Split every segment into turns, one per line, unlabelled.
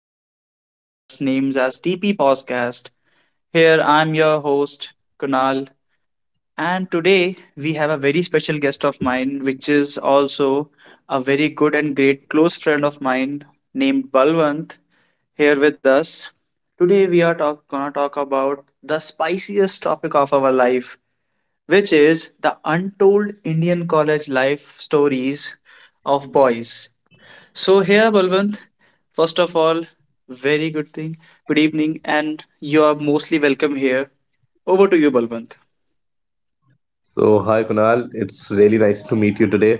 the amazing podcast named as TP Podcast. Here I'm your host, Kunal, and today we have a very special guest of mine, which is also a very good and great close friend of mine named Balwant here with us. Today we are gonna talk about the spiciest topic of our life, which is the untold Indian college life stories of boys. So here, Balwant, first of all, very good thing. Good evening, and you are mostly welcome here. Over to you, Balwant.
So, hi Kunal, it's really nice to meet you today.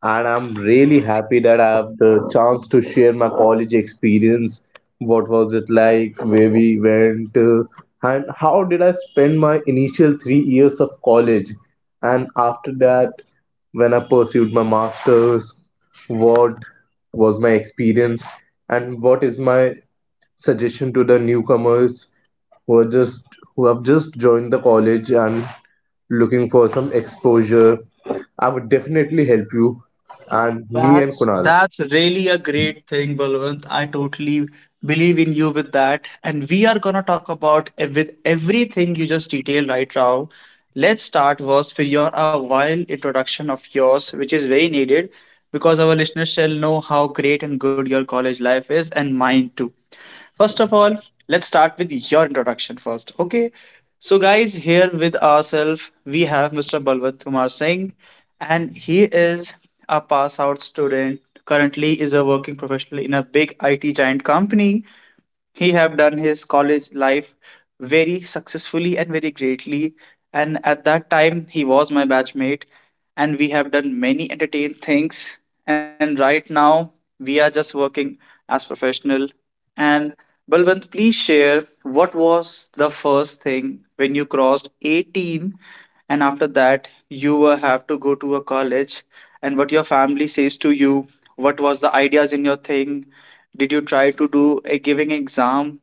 And I'm really happy that I have the chance to share my college experience. What was it like? Where we went? And how did I spend my initial 3 years of college? And after that, when I pursued my master's, what was my experience? And what is my suggestion to the newcomers who are just who have just joined the college and looking for some exposure, I would definitely help you and me and
That's
Kunal.
that's really a great thing, Balwant. I totally believe in you with that. And we are gonna talk about with everything you just detailed right now. Let's start was for your a while introduction of yours, which is very needed because our listeners shall know how great and good your college life is and mine too. First of all, let's start with your introduction first. Okay. So, guys, here with ourselves, we have Mr. Balwant Kumar Singh, and he is a pass out student. Currently, is a working professional in a big IT giant company. He have done his college life very successfully and very greatly. And at that time, he was my batchmate, and we have done many entertaining things. And right now, we are just working as professional. And Balwant, please share what was the first thing when you crossed 18 and after that you will have to go to a college, and what your family says to you, what was the ideas in your thing, did you try to do a giving exam,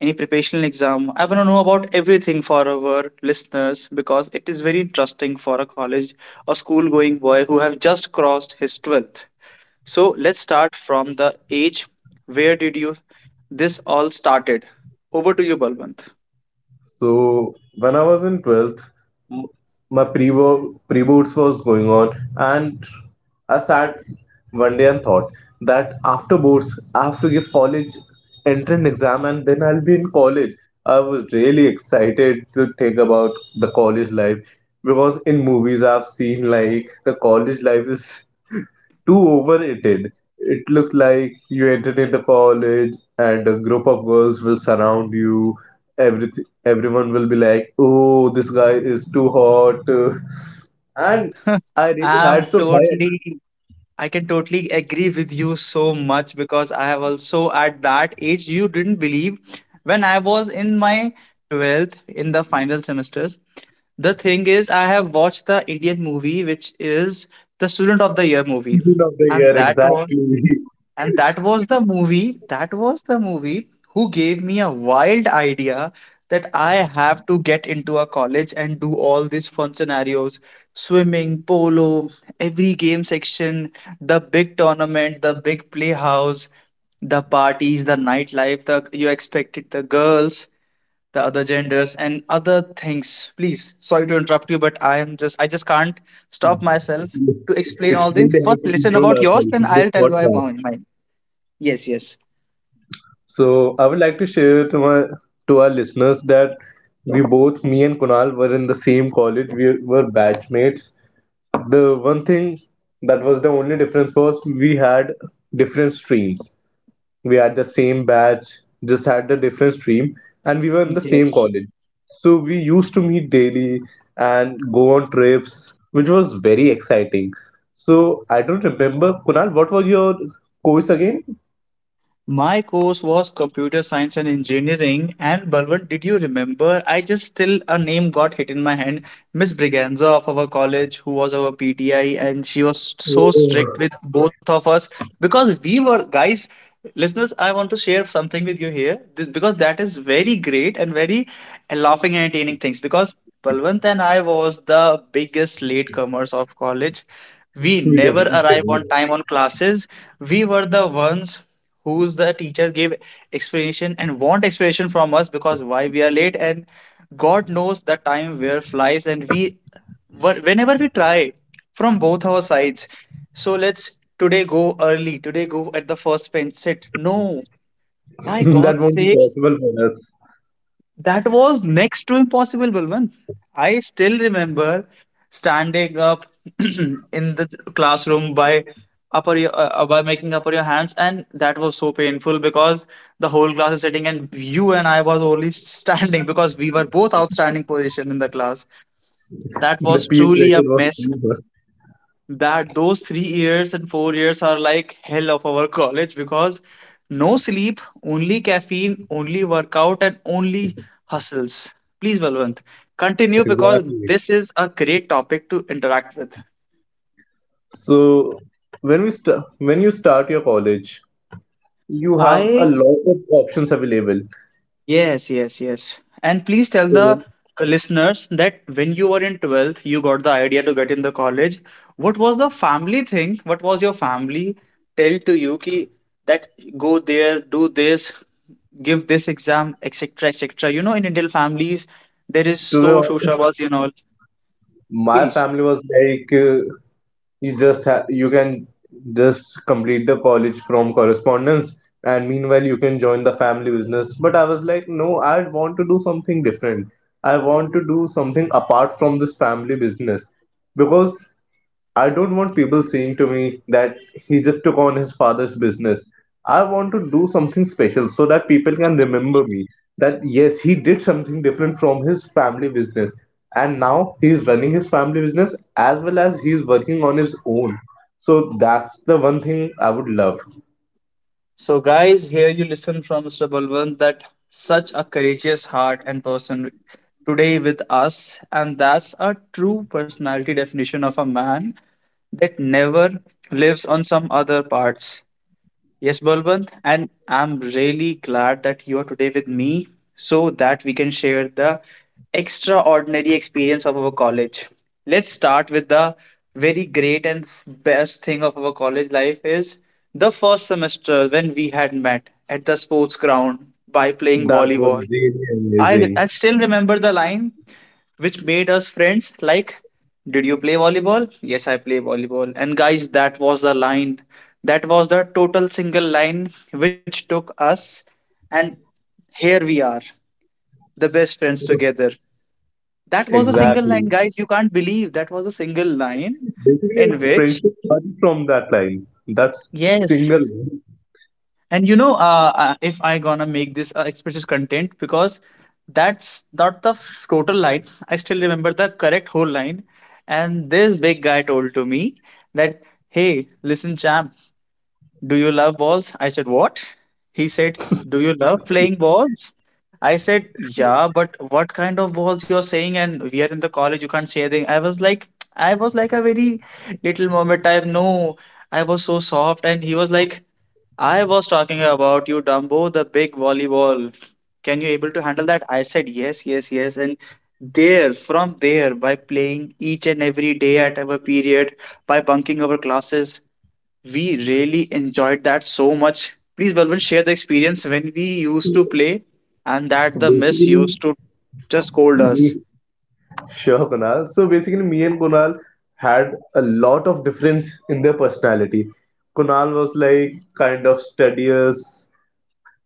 any preparational exam? I want to know about everything for our listeners because it is very interesting for a college or school going boy who have just crossed his 12th. So let's start from the age. Where did you this all started? Over to you, Balwant.
So when I was in 12th, m- my pre-boards was going on, and I sat one day and thought that after boards, I have to give college entrance exam and then I'll be in college. I was really excited to think about the college life because in movies I've seen like the college life is too overrated. It looks like you entered into college and a group of girls will surround you. Everything, everyone will be like, "Oh, this guy is too hot," and I really
I'm
had some
totally,
high
I can totally agree with you so much because I have also at that age, you didn't believe when I was in my 12th in the final semesters. The thing is, I have watched the Indian movie, which is the Student of the Year movie,
expectations of the
and
year.
that was
Exactly.
and that was the movie, that was the movie who gave me a wild idea that I have to get into a college and do all these fun scenarios, swimming, polo, every game section, the big tournament, the big playhouse, the parties, the nightlife, the you expected the girls, the other genders and other things. Please, sorry to interrupt you, but I am just I just can't stop myself to explain
It's
all things.
really
First,
hard to
listen
control
about yours,
ourselves
then
in this
I'll tell why
podcast.
mine. Yes, yes,
So I would like to share to our listeners that we both, me and Kunal, were in the same college. We were batch mates. The one thing that was the only difference was we had different streams. We had the same batch, just had the different stream, and we were in the same
yes.
college. So we used to meet daily and go on trips, which was very exciting. So I don't remember, Kunal, what was your course again?
My course was computer science and engineering. And Balwant, did you remember? I just still a name got hit in my hand. Miss Briganza of our college, who was our PTI, and she was so strict
We
with both of us because we were guys. Listeners, I want to share something with you here this, because that is very great and very laughing and entertaining things. Because Balwant and I was the biggest latecomers of college, we never
definitely.
arrive on
do.
time on classes. We were the ones whose the teachers gave explanation and want explanation from us because why we are late, and god knows the time where flies, and we were whenever we try from both our sides, so let's today go early, today go at the first bench sit, no, by
That
god's
won't be
sake,
possible for us.
that was next to impossible, Balwant. I still remember standing up in the classroom by upper your, by making upper your hands, and that was so painful because the whole class is sitting, and you and I was only standing because we were both outstanding position in the class. That
The
was
peer
truly a
pressure was
mess,
too much.
that those 3 years and 4 years are like hell of our college because no sleep, only caffeine, only workout, and only hustles. Please, Balwant, continue because
Exactly.
this is a great topic to interact with.
So when you start your college, you have a
I,
lot of options available.
yes, yes, yes. And please tell
So
the listeners that when you were in 12th, you got the idea to get in the college. What was the family thing? What was your family tell to you ki, that go there, do this, give this exam, etc., etc. You know, in Indian families, there is
to be
so
hon-
shoshabazi and all.
my
Please.
family was like, you can just complete the college from correspondence, and meanwhile you can join the family business. But I was like, no, I want to do something different. I want to do something apart from this family business because I don't want people saying to me that he just took on his father's business. I want to do something special so that people can remember me that yes, he did something different from his family business. And now he's running his family business as well as he's working on his own. So that's the one thing I would love.
So, guys, here you listen from Mr. Balwant that such a courageous heart and person today with us, and that's a true personality definition of a man that never lives on some other parts. Yes, Balwant, and I'm really glad that you are today with me so that we can share the extraordinary experience of our college. Let's start with the very great and best thing of our college life is the first semester when we had met at the sports ground by playing
That was
volleyball.
really
I
amazing.
still remember the line which made us friends like, did you play volleyball, yes I play volleyball, and guys that was the line, that was the total single line which took us, and here we are the best friends
So,
together. That was a single
exactly.
line guys, you can't believe that was a single line
Basically, a
in which,
friendship started from that line. That's
yes.
single line.
And you know, if I gonna make this explicit content because that's not the total line. I still remember the correct whole line. And this big guy told to me that, hey, listen, champ, do you love balls? I said, what? He said, do you love playing balls? I said, yeah, but what kind of balls you're saying? And we are in the college, you can't say anything. I was like a very little moment. I no, I was so soft. And he was like, I was talking about you, Dumbo, the big volleyball. Can you able to handle that? I said yes, yes, yes. And there, from there, by playing each and every day at our period, by bunking our classes, we really enjoyed that so much. Please, Balwant, share the experience when we used to play and that the miss
Basically,
used to just scold us.
we. Sure, Kunal. So basically, me and Kunal had a lot of difference in their personality. Kunal was like kind of studious,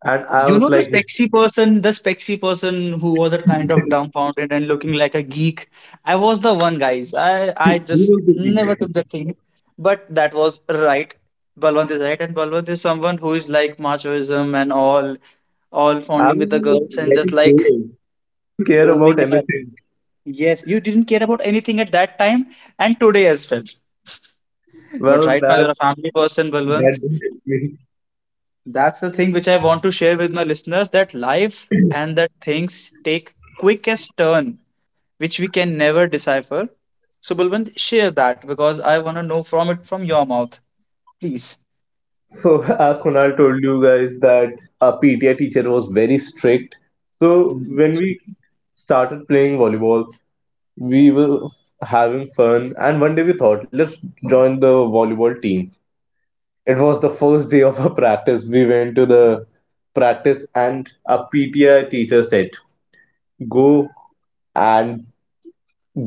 and I
You
was
know
like, he
the spexy person who was a kind of dumbfounded and looking like a geek. I was the one, guys. I just
was the
never
geek.
took the thing, but that was right. Balwant is right, and Balwant is someone who is like machoism and all
I
fondling with the
was
girls
like,
and
like
just
a
like
girl, care about
roaming and,
anything.
yes, you didn't care about anything at that time and today as well. But
Well,
right now,
that
you're a family person,
that
Balwant.
didn't help me.
That's the thing which I want to share with my listeners, that life and that things take quickest turn, which we can never decipher. So, Balwant, share that because I want to know from it from your mouth, please.
So as Kunal told you guys that our PTA teacher was very strict. So
Mm,
when
so-
we started playing volleyball, we were having fun, and one day we thought let's join the volleyball team. It was the first day of our practice. We went to the practice and a PTI teacher said go and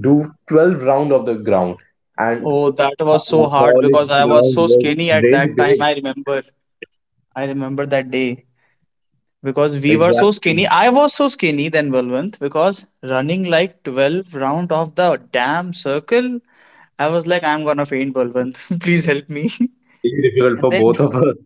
do 12 round of the ground. And
Oh, that
our
was so hard
college
because I
ground
was so
was
skinny at
really
that
big.
time. I remember. I remember that day, because we were so
Exactly.
skinny. I was so skinny than Balwant because running like 12 round of the damn circle, I was like, I'm gonna faint, Balwant. Please help me.
Very difficult
And
for
then,
both of us.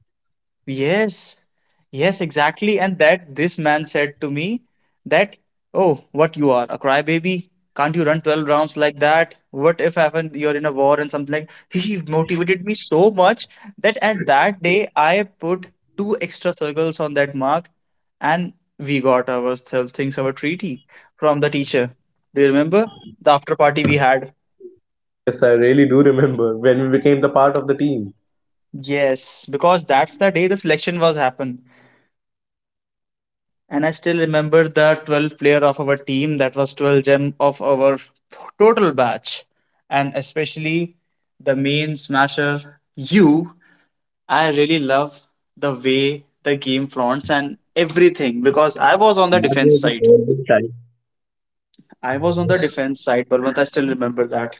yes, yes, exactly. And that this man said to me that, oh, what you are, a crybaby? Can't you run 12 rounds like that? What if happen you're in a war and something like he motivated me so much that at that day I put 2 extra circles on that mark, and we got ourselves things our treaty from the teacher. Do you remember the after party we had?
Yes, I really do remember when we became the part of the team.
Yes, because that's the day the selection was happened.
and do
And I
you,
still
kunal do you
remember the
remember that
12th player
guy?
of our team, that was 12 gem of our total batch. And especially the main smasher, you. I really love the way the game fronts and everything because I was on the
That
defense
was the
side.
golden time.
I was on the defense side, Balwant. I still remember that.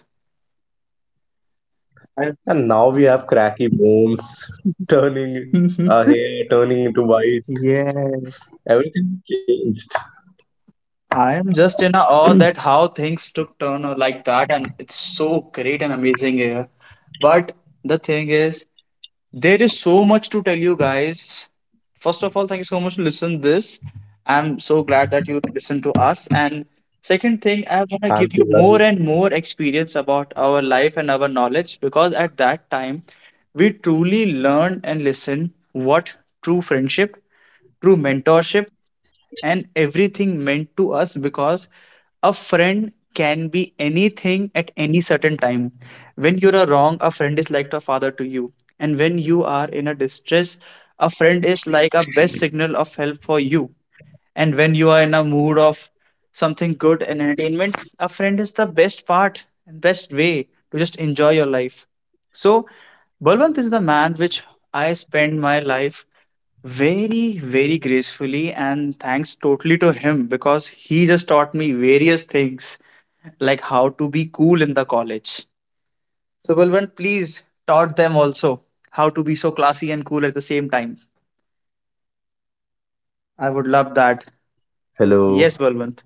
I
And now we have cracky bones, turning hair, turning into white.
yes,
Everything changed.
I am just in a awe that how things took turn or like that, and it's so great and amazing here. But the thing is, there is so much to tell you guys. First of all, thank you so much to listen this. I'm so glad that you listen to us. And second thing, I want to give you
Thank you,
more and
guys.
more experience about our life and our knowledge because at that time we truly learn and listen what true friendship, true mentorship, and everything meant to us because a friend can be anything at any certain time. When you are wrong, a friend is like a father to you. And when you are in a distress, a friend is like a best signal of help for you. And when you are in a mood of something good and entertainment, a friend is the best part and best way to just enjoy your life. So, Balwant is the man which I spend my life very, very gracefully, and thanks totally to him because he just taught me various things like how to be cool in the
Hi,
college.
Kunal.
So, Balwant, please taught them also
So,
how to be so
am I
classy and
audible,
cool at the
Kunal?
same time. I would love that.
Hello.
Yes, Balwant.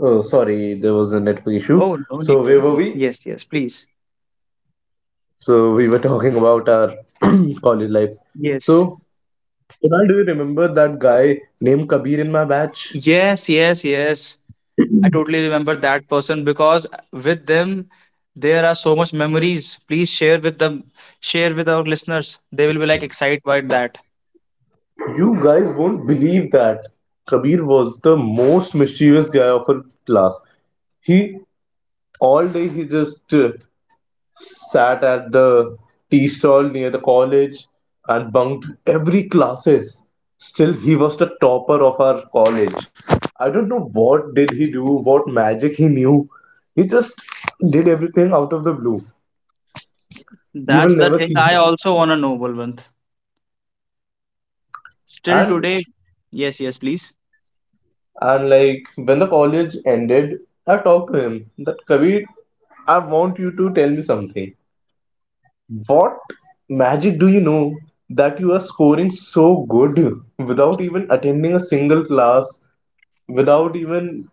Oh, sorry, there was a network issue.
Oh, no need
So,
to
where were
worry.
we?
Yes, yes, please.
So, we were talking about our college lives. So,
Yes.
Kunal, do you remember that guy named Kabir in my batch?
Yes, yes, yes. I totally remember that person because with them there are so much memories. Please share with them, share with our listeners. They will be like excited by that.
You guys won't believe that Kabir was the most mischievous guy of our class. He, all day, he just sat at the tea stall near the college and bunked every classes. Still he was the topper of our college. I don't know what did he do, what magic he knew. He just did everything out of the blue. You will
That's the
never see
thing I
him.
also wanna know, Balwant. Still
and
today, yes, yes, please.
and like, when the college ended, I talked to him that, Kabir, I want you to tell me something. What magic do you know that you are scoring so good without even attending a single class, without even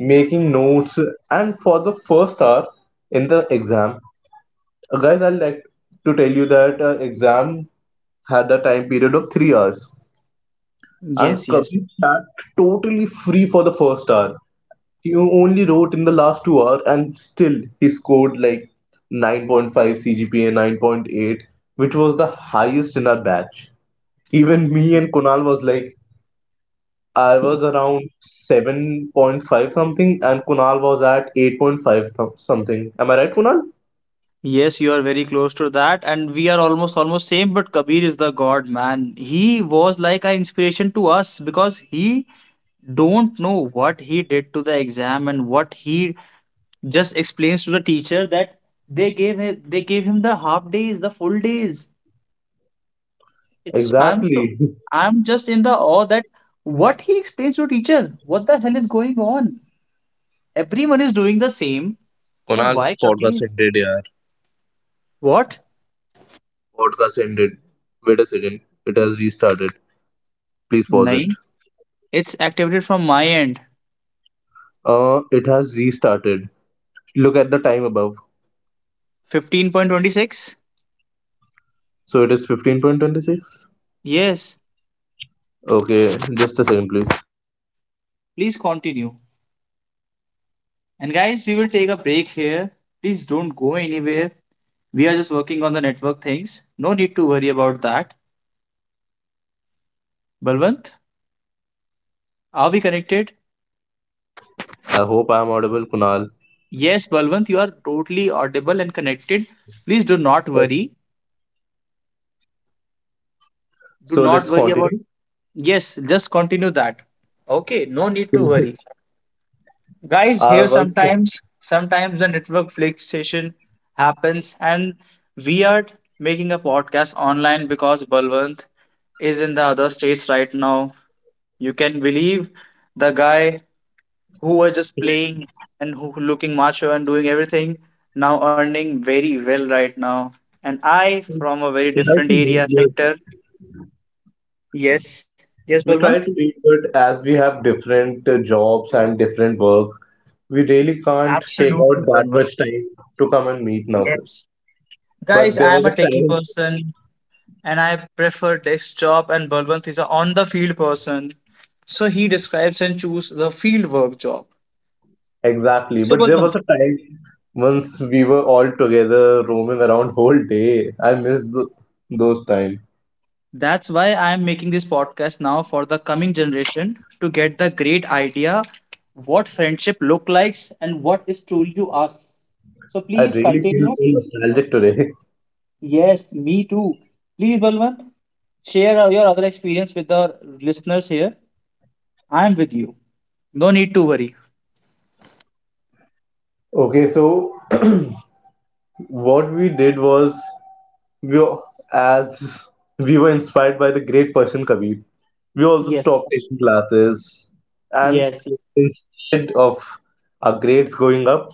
making notes, and for the first hour in the exam? Guys, I'd like to tell you that exam had a time period of 3 hours. And
Yes, yes.
Kabir sat totally free for the first hour. He only wrote in the last 2 hours, and still he scored like 9.5 CGPA, 9.8, which was the highest in our batch. Even me and Kunal was like, I was around 7.5 something, and Kunal was at 8.5 something. Am I right, Kunal?
Yes, you are very close to that, and we are almost same. But Kabir is the god, man. He was like an inspiration to us because he don't know what he did to the exam and what he just explains to the teacher that they gave him the half days, the full days. It's I'm so
Exactly.
I'm just in the awe that what he explains to teacher. What the hell is going on? Everyone is doing the same, but why Kabir? What?
It has restarted. Please pause it.
Nahin, it's activated from my end.
It has restarted. Look at the time above.
15:26?
So it is 15:26.
Yes,
Okay, just a second, please.
please continue. And guys, we will
So, am
take
I
a break
audible?
here. Please don't go anywhere. We are just working on the network
Hello.
things. No need to worry about that. Balwant?
Hello, Kunal.
Are we connected?
I hope I am audible, Kunal.
Yes, Balwant, you are totally audible and connected. Please do not
Okay,
worry. Do
so
not
let's
worry about.
continue.
Yes, just continue that. Okay, no need to worry. Guys,
I
here
was
sometimes the network fluctuation happens, and we are making a podcast online because Balwant is in the other states right now. You can believe the guy who were just playing and who looking macho and doing everything now earning very well right now and I from a very
trying
different
to be
area
good.
sector. Yes, yes,
We
Balwant.
try to be good as we have different jobs and different work. We really can't take
Absolutely,
out that
Balwant.
much time to come and meet now, sir.
Yes,
But
guys, I
there was
am a
a
techie
time.
person and I prefer desk job and Balwant is a on the field person, so he describes and choose the field work job.
Exactly.
So,
But there was
Balwant,
a time once we were all together roaming around whole day. I miss th those times.
that's why I am making this podcast now for the coming generation to get the great idea what friendship look likes and what is truly to us. So
I
please
really feel so
continue.
nostalgic today.
Yes, me too. Please, Balwant, share your other experience with the listeners here. I am with you. No need to worry.
Okay, so what we did was we were- as we were inspired by the great Persian Kabir. We also
Yes,
stopped taking classes, and
yes.
instead of our grades going up,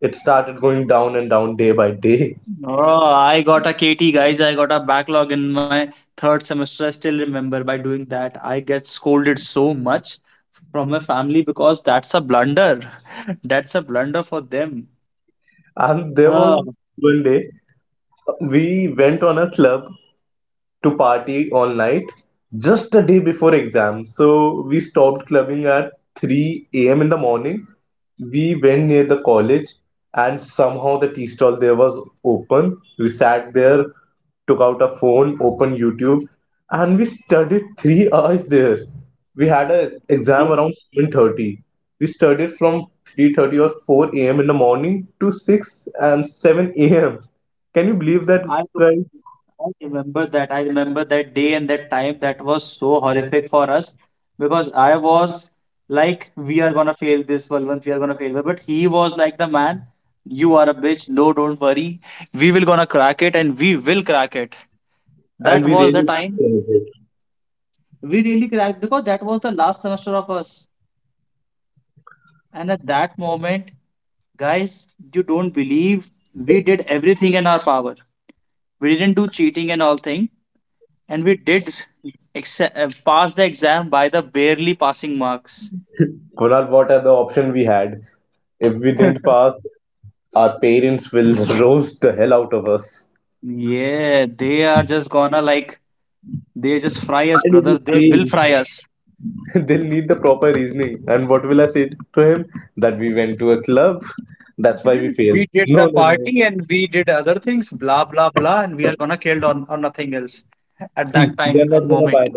it started going down and down day by day.
Oh, I got a KT, guys. I got a backlog in my third semester. I still remember by doing that. I get scolded so much from my family because that's a blunder. That's a blunder for them.
And there was
Oh,
one day we went on a club to party all night just a day before exam. So we stopped clubbing at 3 a.m. in the morning. We went near the college and somehow the tea stall there was open. We sat there, took out a phone, opened YouTube, and we studied 3 hours there. We had an
yeah.
exam around 7:30. We studied from 3:30 or 4 a.m. in the morning to 6 and 7 a.m. Can you believe that,
I,
guys?
I remember that. I remember that day and that time that was so horrific for us because I was like, we are gonna fail this Valvant, we are gonna fail. But he was like the man, you are a bitch, no, don't worry. We will gonna crack it and we will crack it. That
And we
was the
really.
time we really cracked because that was the last semester of us. And at that moment, guys, you don't believe we did everything in our power. We didn't do cheating and all thing. And we did s- Pass the exam by the barely passing marks.
Kunal, what are the option we had? If we didn't pass, our parents will roast the hell out of us.
Yeah, they are just gonna like they just fry
Why
us,
did you
brother. They will fry
fail?
us.
They'll need the proper reasoning. And what will I say to him? That we went to a club. That's why we failed.
We did the party and we did other things, blah blah blah, and we are gonna killed on or nothing else at that time and moment.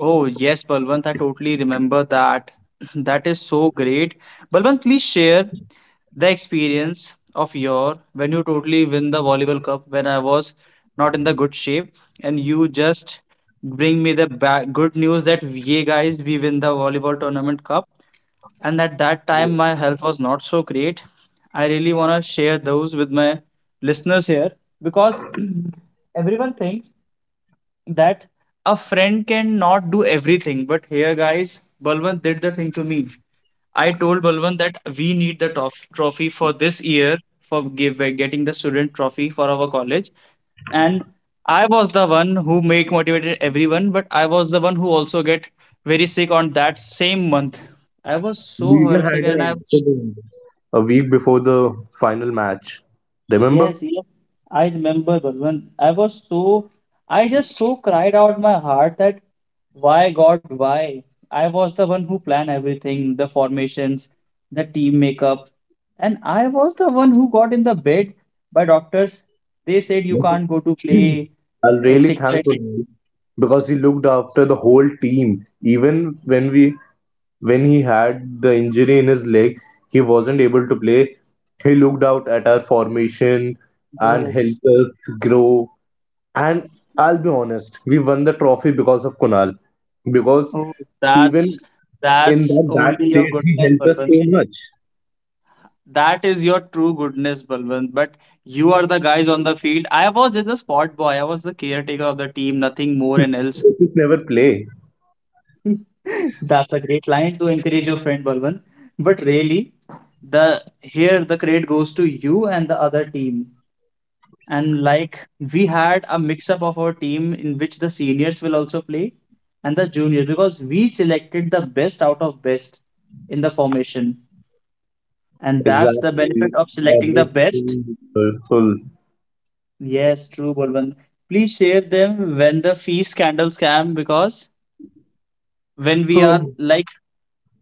Oh, yes, Balwant, I totally remember that. That is so great. Balwant, please share the experience of your when you totally win the volleyball cup when I was not in the good shape and you just bring me the ba good news that yeah, guys, we win the volleyball tournament cup, and at that time my health was not so great. I really want to share those with my listeners here because everyone thinks that a friend can not do everything. But here, guys, Balwant did the thing to me. I told Balwant that we need the trophy for this year for getting the student trophy for our college. And I was the one who make motivated everyone, but I was the one who also get very sick on that same month. I was so
We even
horrific and
had
I.
an accident. A week before the final match. Remember?
Yes, yes, I remember Balwant. I was so, I just so cried out my heart that why God, why? I was the one who planned everything, the formations, the team makeup, and I was the one who got in the bed by doctors. They said you
I'm
can't go to play,
really
etc.
thankful
etc.
because he looked after the whole team. Even when he had the injury in his leg, he wasn't able to play. He looked out at our formation and
Yes.
helped us grow. And I'll be honest, we won the trophy because of Kunal. Because
Oh,
even
that's
in
that's
that bad
only your
state, he
goodness,
helped us
Balwant.
so much.
That is your true goodness, Balwant. But you are the guys on the field. I was just a spot boy. I was the caretaker of the team, nothing more and else.
He could never play.
That's a great line to encourage your friend, Balwant. But really, the here the credit goes to you and the other team. And like we had a mix up of our team in which the seniors will also play and the juniors because we selected the best out of best in the formation. And that's the
Exactly.
benefit of
That
selecting the
was so
best.
wonderful.
Yes, true, Bolwant. Please share them when the fee scandal scam because when we
Oh,
are like,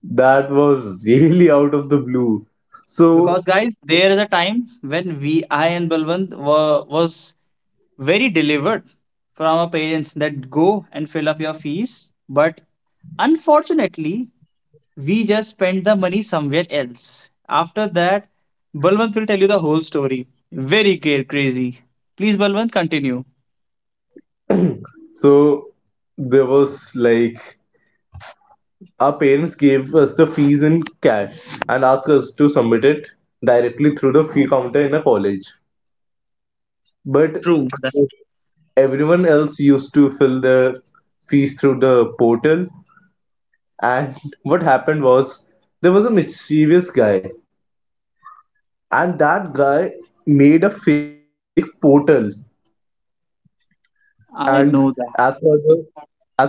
that was really out of the blue. So,
because guys, there is a time when we I and Balwant were was very delivered from our parents that go and fill up your fees, but unfortunately we just spent the money somewhere else. After that, Balwant will tell you the whole story. Very care crazy. Please, Balwant, continue.
so, there was like. Our parents gave us the fees in cash and asked us to submit it directly through the fee counter in a college. But
True. That's.
everyone else used to fill their fees through the portal. And what happened was there was a mischievous guy, and that guy made a fake portal. And
I
as
know.
for the as for the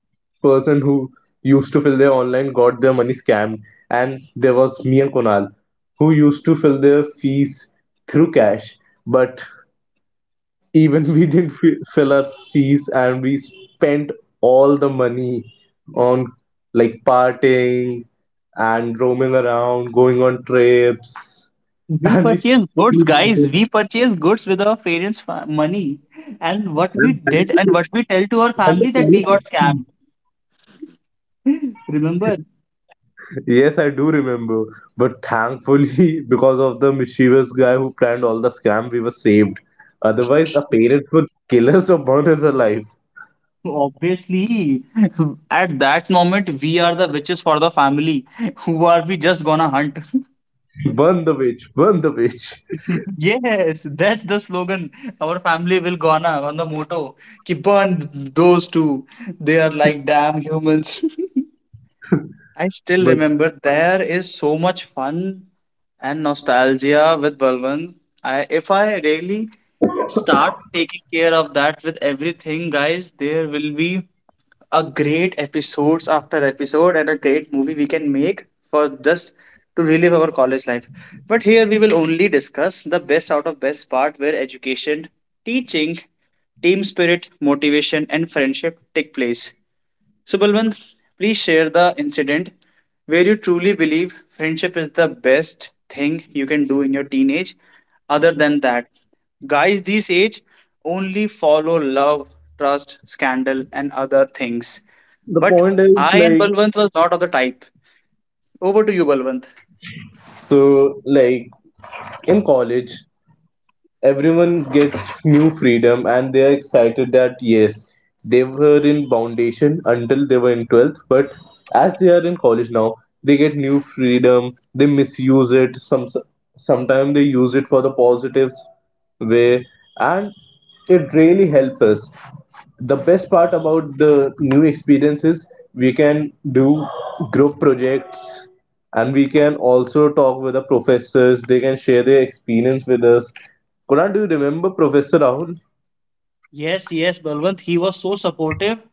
person who used to fill their online got their money scammed, and there was me and Konal who used to fill their fees through cash, but even we didn't fill our fees and we spent all the money on like partying and roaming around, going on trips.
We
and we
purchase goods, guys. We purchase goods with our parents' money. And what we did and what we tell to our
and
family that we got scammed. Remember,
Yes, I do remember. But thankfully, because of the mischievous guy who planned all the scam, we were saved. Otherwise, our parents would kill us or burn us alive.
obviously, at that moment, we are the witches for the family. Who are we just gonna hunt?
Burn the witch, burn the witch.
Yes, that's the slogan. Our family will gonna on the motto. Keep on those two. They are like damn humans. I still
But
remember there is so much fun and nostalgia with Balwant. I, if I really start taking care of that with everything, guys, there will be a great episodes after episode and a great movie we can make for just to relive our college life. But here we will only discuss the best out of best part where education, teaching, team spirit, motivation, and friendship take place. So, Balwant, please share the incident where you truly believe friendship is the best thing you can do in your teenage. Other than that, guys, this age only follow love, trust, scandal, and other things.
the
But
point is,
I and
like,
Balwant was not of the type. Over to you, Balwant.
so, like, in college, everyone gets new freedom and they are excited that yes, they were in foundation until they were in 12th, but as they are in college now, they get new freedom, they misuse it, sometimes they use it for the positives way and it really helps us. The best part about the new experience is we can do group projects, and we can also talk with the professors. They can share their experience with us. Kunal, do you remember Professor Rahul?
Yes, yes, Balwant, he was so supportive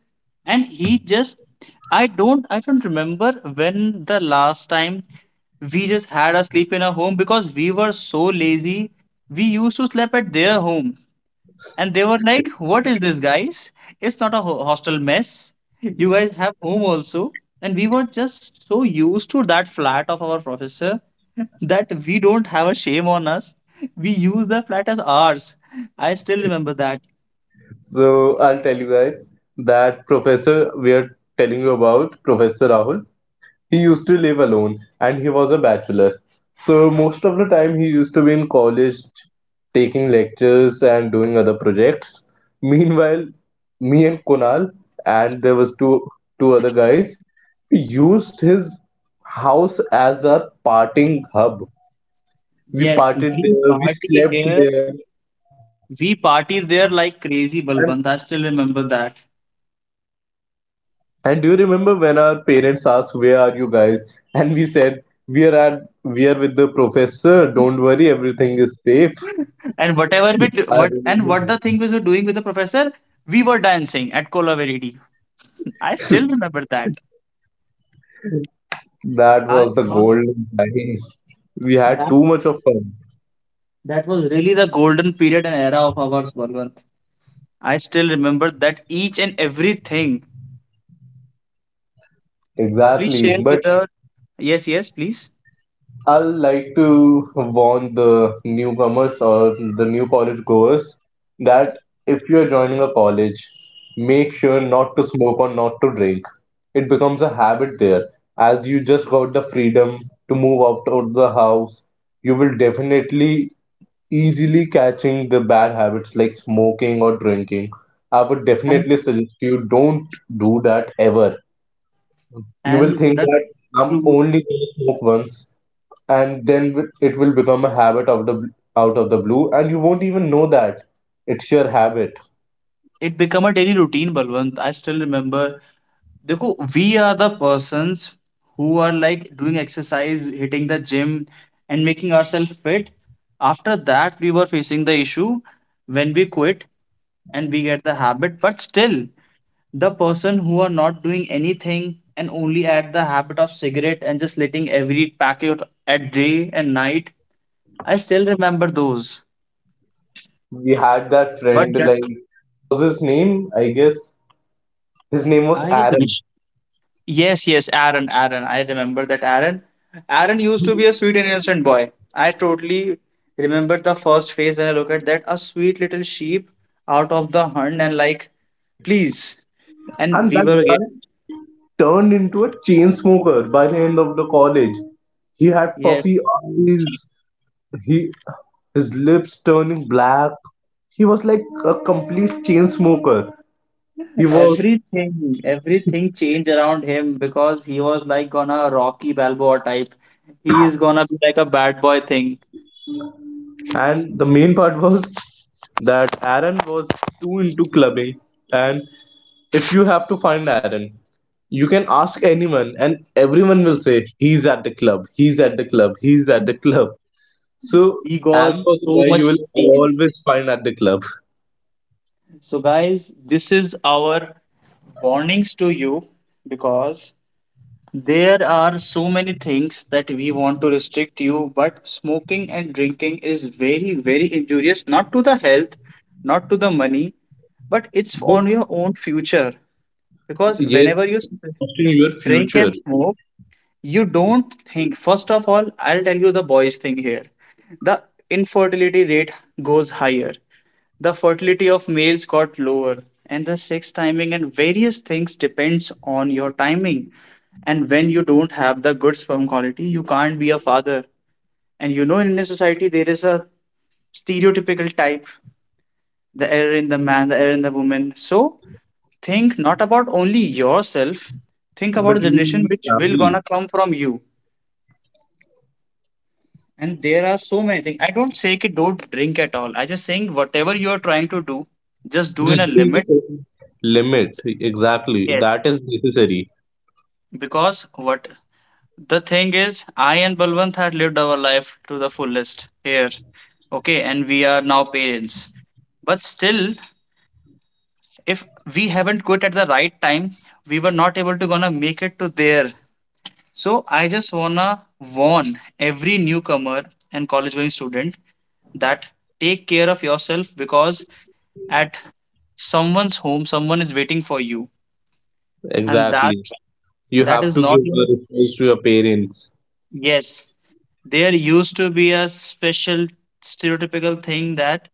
and he just I don't remember when the last time we just had a sleep in our home because we were so lazy. We used to sleep at their home, and they were like, "What is this, guys? It's not a hostel mess. You guys have home also." And we were just so used to that flat of our professor that we don't have a shame on us. We use the flat as ours. I still remember that.
So I'll tell you guys that professor we are telling you about Professor Rahul. He used to live alone and he was a bachelor. So most of the time he used to be in college taking lectures and doing other projects. Meanwhile, me and Kunal and there was two other guys, we used his house as a partying hub. We
Yes, we
partied there, we
party
slept
here.
there,
We party there like
and
crazy, Balwant. I still remember that.
and do you remember when our parents asked, where are you guys? And we said, we are with the professor, don't worry, everything is safe.
And whatever we do,
I
what and
remember
what the thing was we're doing with the professor, we were dancing at Kolaveridi. I still
that.
remember that.
That
I
was the
was
golden time. We had
that
too much of fun.
that was really the golden period and era of ours, Balwant. I still remember that each and everything. Please
Exactly.
share
But
with her. Yes, yes, please.
I will like to warn the newcomers or the new college goers that if you're joining a college, make sure not to smoke or not to drink. It becomes a habit there. As you just got the freedom to move out of the house, you will definitely easily catching the bad habits like smoking or drinking. I would
And,
definitely suggest you don't do that ever. You will
and
think
that
that I'm only gonna smoke once and then it will become a habit of the out of the blue and you won't even know that it's your habit.
it become a daily routine, Balwant. I still remember देखो we are the persons who are like doing exercise hitting the gym and making ourselves fit. After that we were facing the issue when we quit and we get the habit, but still the person who are not doing anything and only at the habit of cigarette and just letting every packet at day and night, I still remember those.
We had that
But yeah,
friend like, what was his name, I guess his name was
I
Aaron.
guess. Yes, yes, Aaron, Aaron. I remember that Aaron. Aaron used to be a sweet and innocent boy. I totally remember the first phase when I look at that, a sweet little sheep out of the hunt and like, please. And
And
we
that
were
guy
getting
turned into a chain smoker by the end of the college. He had
yes,
puffy eyes, he his lips turning black, he was like a complete chain smoker, he was.
everything changed around him because he was like gonna Rocky Balboa type. He is gonna be like a bad boy thing.
And the main part was that Aaron was too into clubbing. And if you have to find Aaron, you can ask anyone, and everyone will say, he's at the club, he's at the club, he's at the club.
He
So,
got
Aaron
so
was
much
the guy you will
cuties.
always find at the club.
So guys, this is our warnings to you because there are so many things that we want to restrict you, but smoking and drinking is very, very injurious, not to the health, not to the money, but it's
But
on your own future. Because
yes,
whenever you
trusting your
drink
future,
and smoke, you don't think. First of all, I'll tell you the boys' thing here. The infertility rate goes higher. The fertility of males got lower, and the sex timing and various things depends on your timing. And when you don't have the good sperm quality, you can't be a father. And you know, in Indian society, there is a stereotypical type, the error in the man, the error in the woman. So think not about only yourself, think about
but
the
you
generation
need
which will
family.
gonna come from you. And there are so many things. I don't say it don't drink at all. I just saying whatever you are trying to do, just do in a
Just do in the
limit.
certain limit. Exactly.
Yes.
That is necessary.
Because what the thing is, I and Balwant had lived our life to the fullest here. Okay, and we are now parents. But still, if we haven't quit at the right time, we were not able to gonna make it to there. So I just wanna warn every newcomer and college going student that take care of yourself because at someone's home, someone is waiting for you. And that
Exactly. You
that
have
is
to
not
give
your...
the response to your parents.
Yes, there used to be a special stereotypical thing that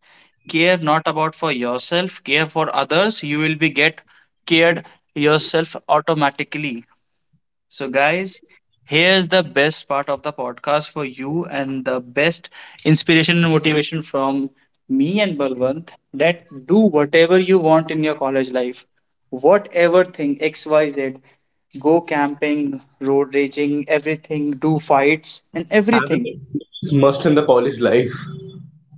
care not about for yourself, care for others, you will be get cared yourself automatically. So, guys, here's the best part of the podcast for you and the best inspiration and motivation from me and Balwant that do whatever you want in your college life, whatever thing, XYZ, go camping, road raging, everything, do fights, and everything.
Having is must in the college life.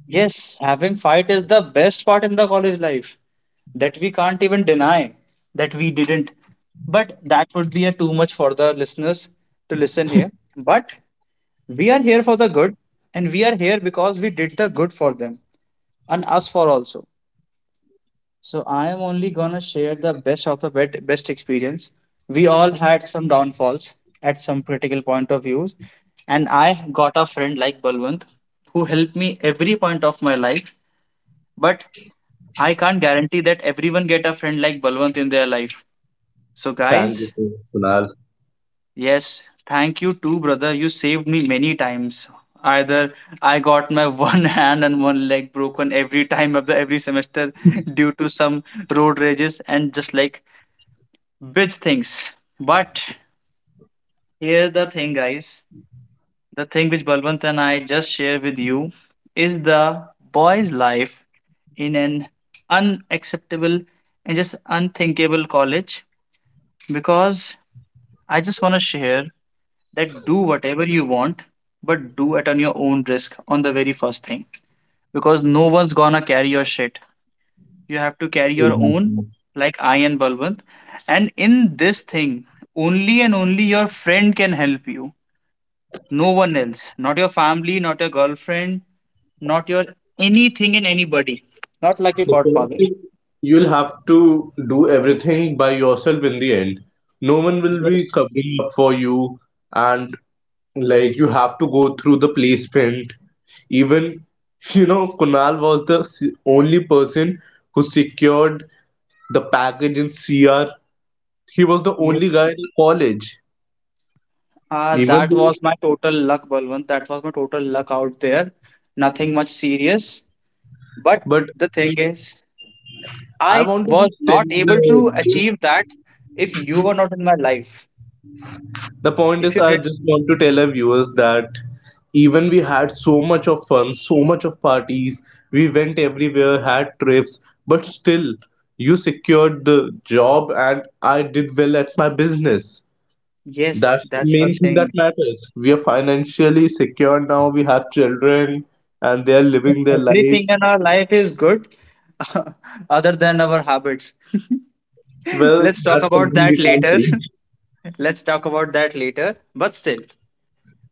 Yes, having fight is the best part in the college life that we can't even deny that we didn't. But that would be a too much for the listeners to listen here. But we are here for the good, and we are here because we did the good for them and us for also. So I am only gonna share the best of the best experience. We all had some downfalls at some critical point of views, and I got a friend like Balwant who helped me every point of my life. But I can't guarantee that everyone get a friend like Balwant in their life. So
Thank
guys,
you, Kunal.
yes, thank you too, brother. You saved me many times. Either I got my one hand and one leg broken every time of the every semester due to some road rages and just like bitch things. But here's the thing, guys. The thing which Balwant and I just share with you is the boy's life in an unacceptable and just unthinkable college because I just want to share that do whatever you want, but do it on your own risk on the very first thing because no one's gonna carry your shit. You have to carry your own,
Exactly.
like I and Balwant. And in this thing, only and only your friend can help you. No one else. Not your family, not your girlfriend, not your anything and anybody. Not like a godfather.
You'll have to do everything by yourself in the end. No one will be
Yes,
covering up for you, and like you have to go through the placement. Even Kunal was the only person who secured the package in CR. He was the only
yes.
guy in college. Even
That
though,
was my total luck, Balwant. That was my total luck out there. Nothing much serious. But
but
the thing is,
I
I
want to
was
just tell
not able to
you.
achieve that if you were not in my life.
The point
If
is,
you
I
did,
just want to tell our viewers that even we had so much of fun, so much of parties, we went everywhere, had trips, but still, you secured the job and I did well at my business.
yes,
That's the
that's the
main thing that
thing.
matters. We are financially secure now, we have children, and they are living their life.
Everything in our life is good other than our habits.
Well,
Let's talk
that's
about
something
that
we can't
later.
change,
Let's talk about that later. But still,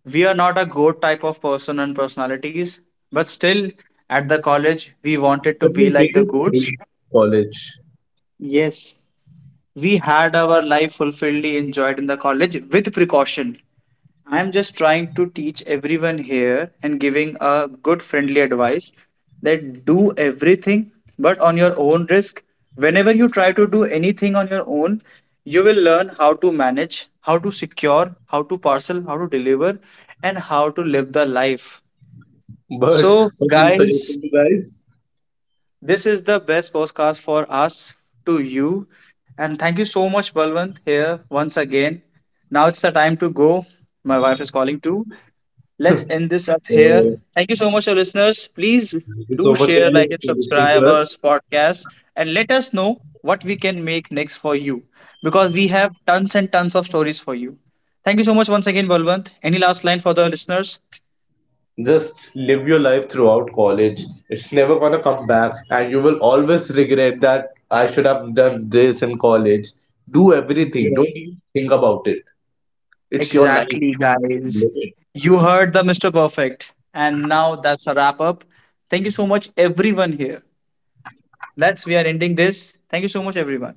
we are not a goat type of person and personalities. But still, at the college, we wanted to
but we
be like
made
the
it
goats.
through college.
Yes, we had our life fulfilledly enjoyed in the college with precaution. I'm just trying to teach everyone here and giving a good friendly advice that do everything but on your own risk. Whenever you try to do anything on your own, you will learn how to manage, how to secure, how to parcel, how to deliver, and how to live the life.
But
So,
what do you suggest
guys,
to you guys?
this is the best podcast for us to you. And thank you so much, Balwant, here once again. Now it's the time to go. My wife is calling too. Let's end this up here.
So,
Thank you so much, our listeners. Please do
So much
share, like, and
guys,
subscribe our podcast and let us know what we can make next for you because we have tons and tons of stories for you. Thank you so much once again, Balwant. Any last line for the listeners?
just live your life throughout college. It's never gonna come back, and you will always regret that I should have done this in college. Do everything.
Yes.
Don't even think about it. It's your life.
Exactly, guys.
Live it.
You heard the Mr. Perfect. And now that's a wrap up. Thank you so much, everyone here. That's we are ending this. Thank you so much, everyone.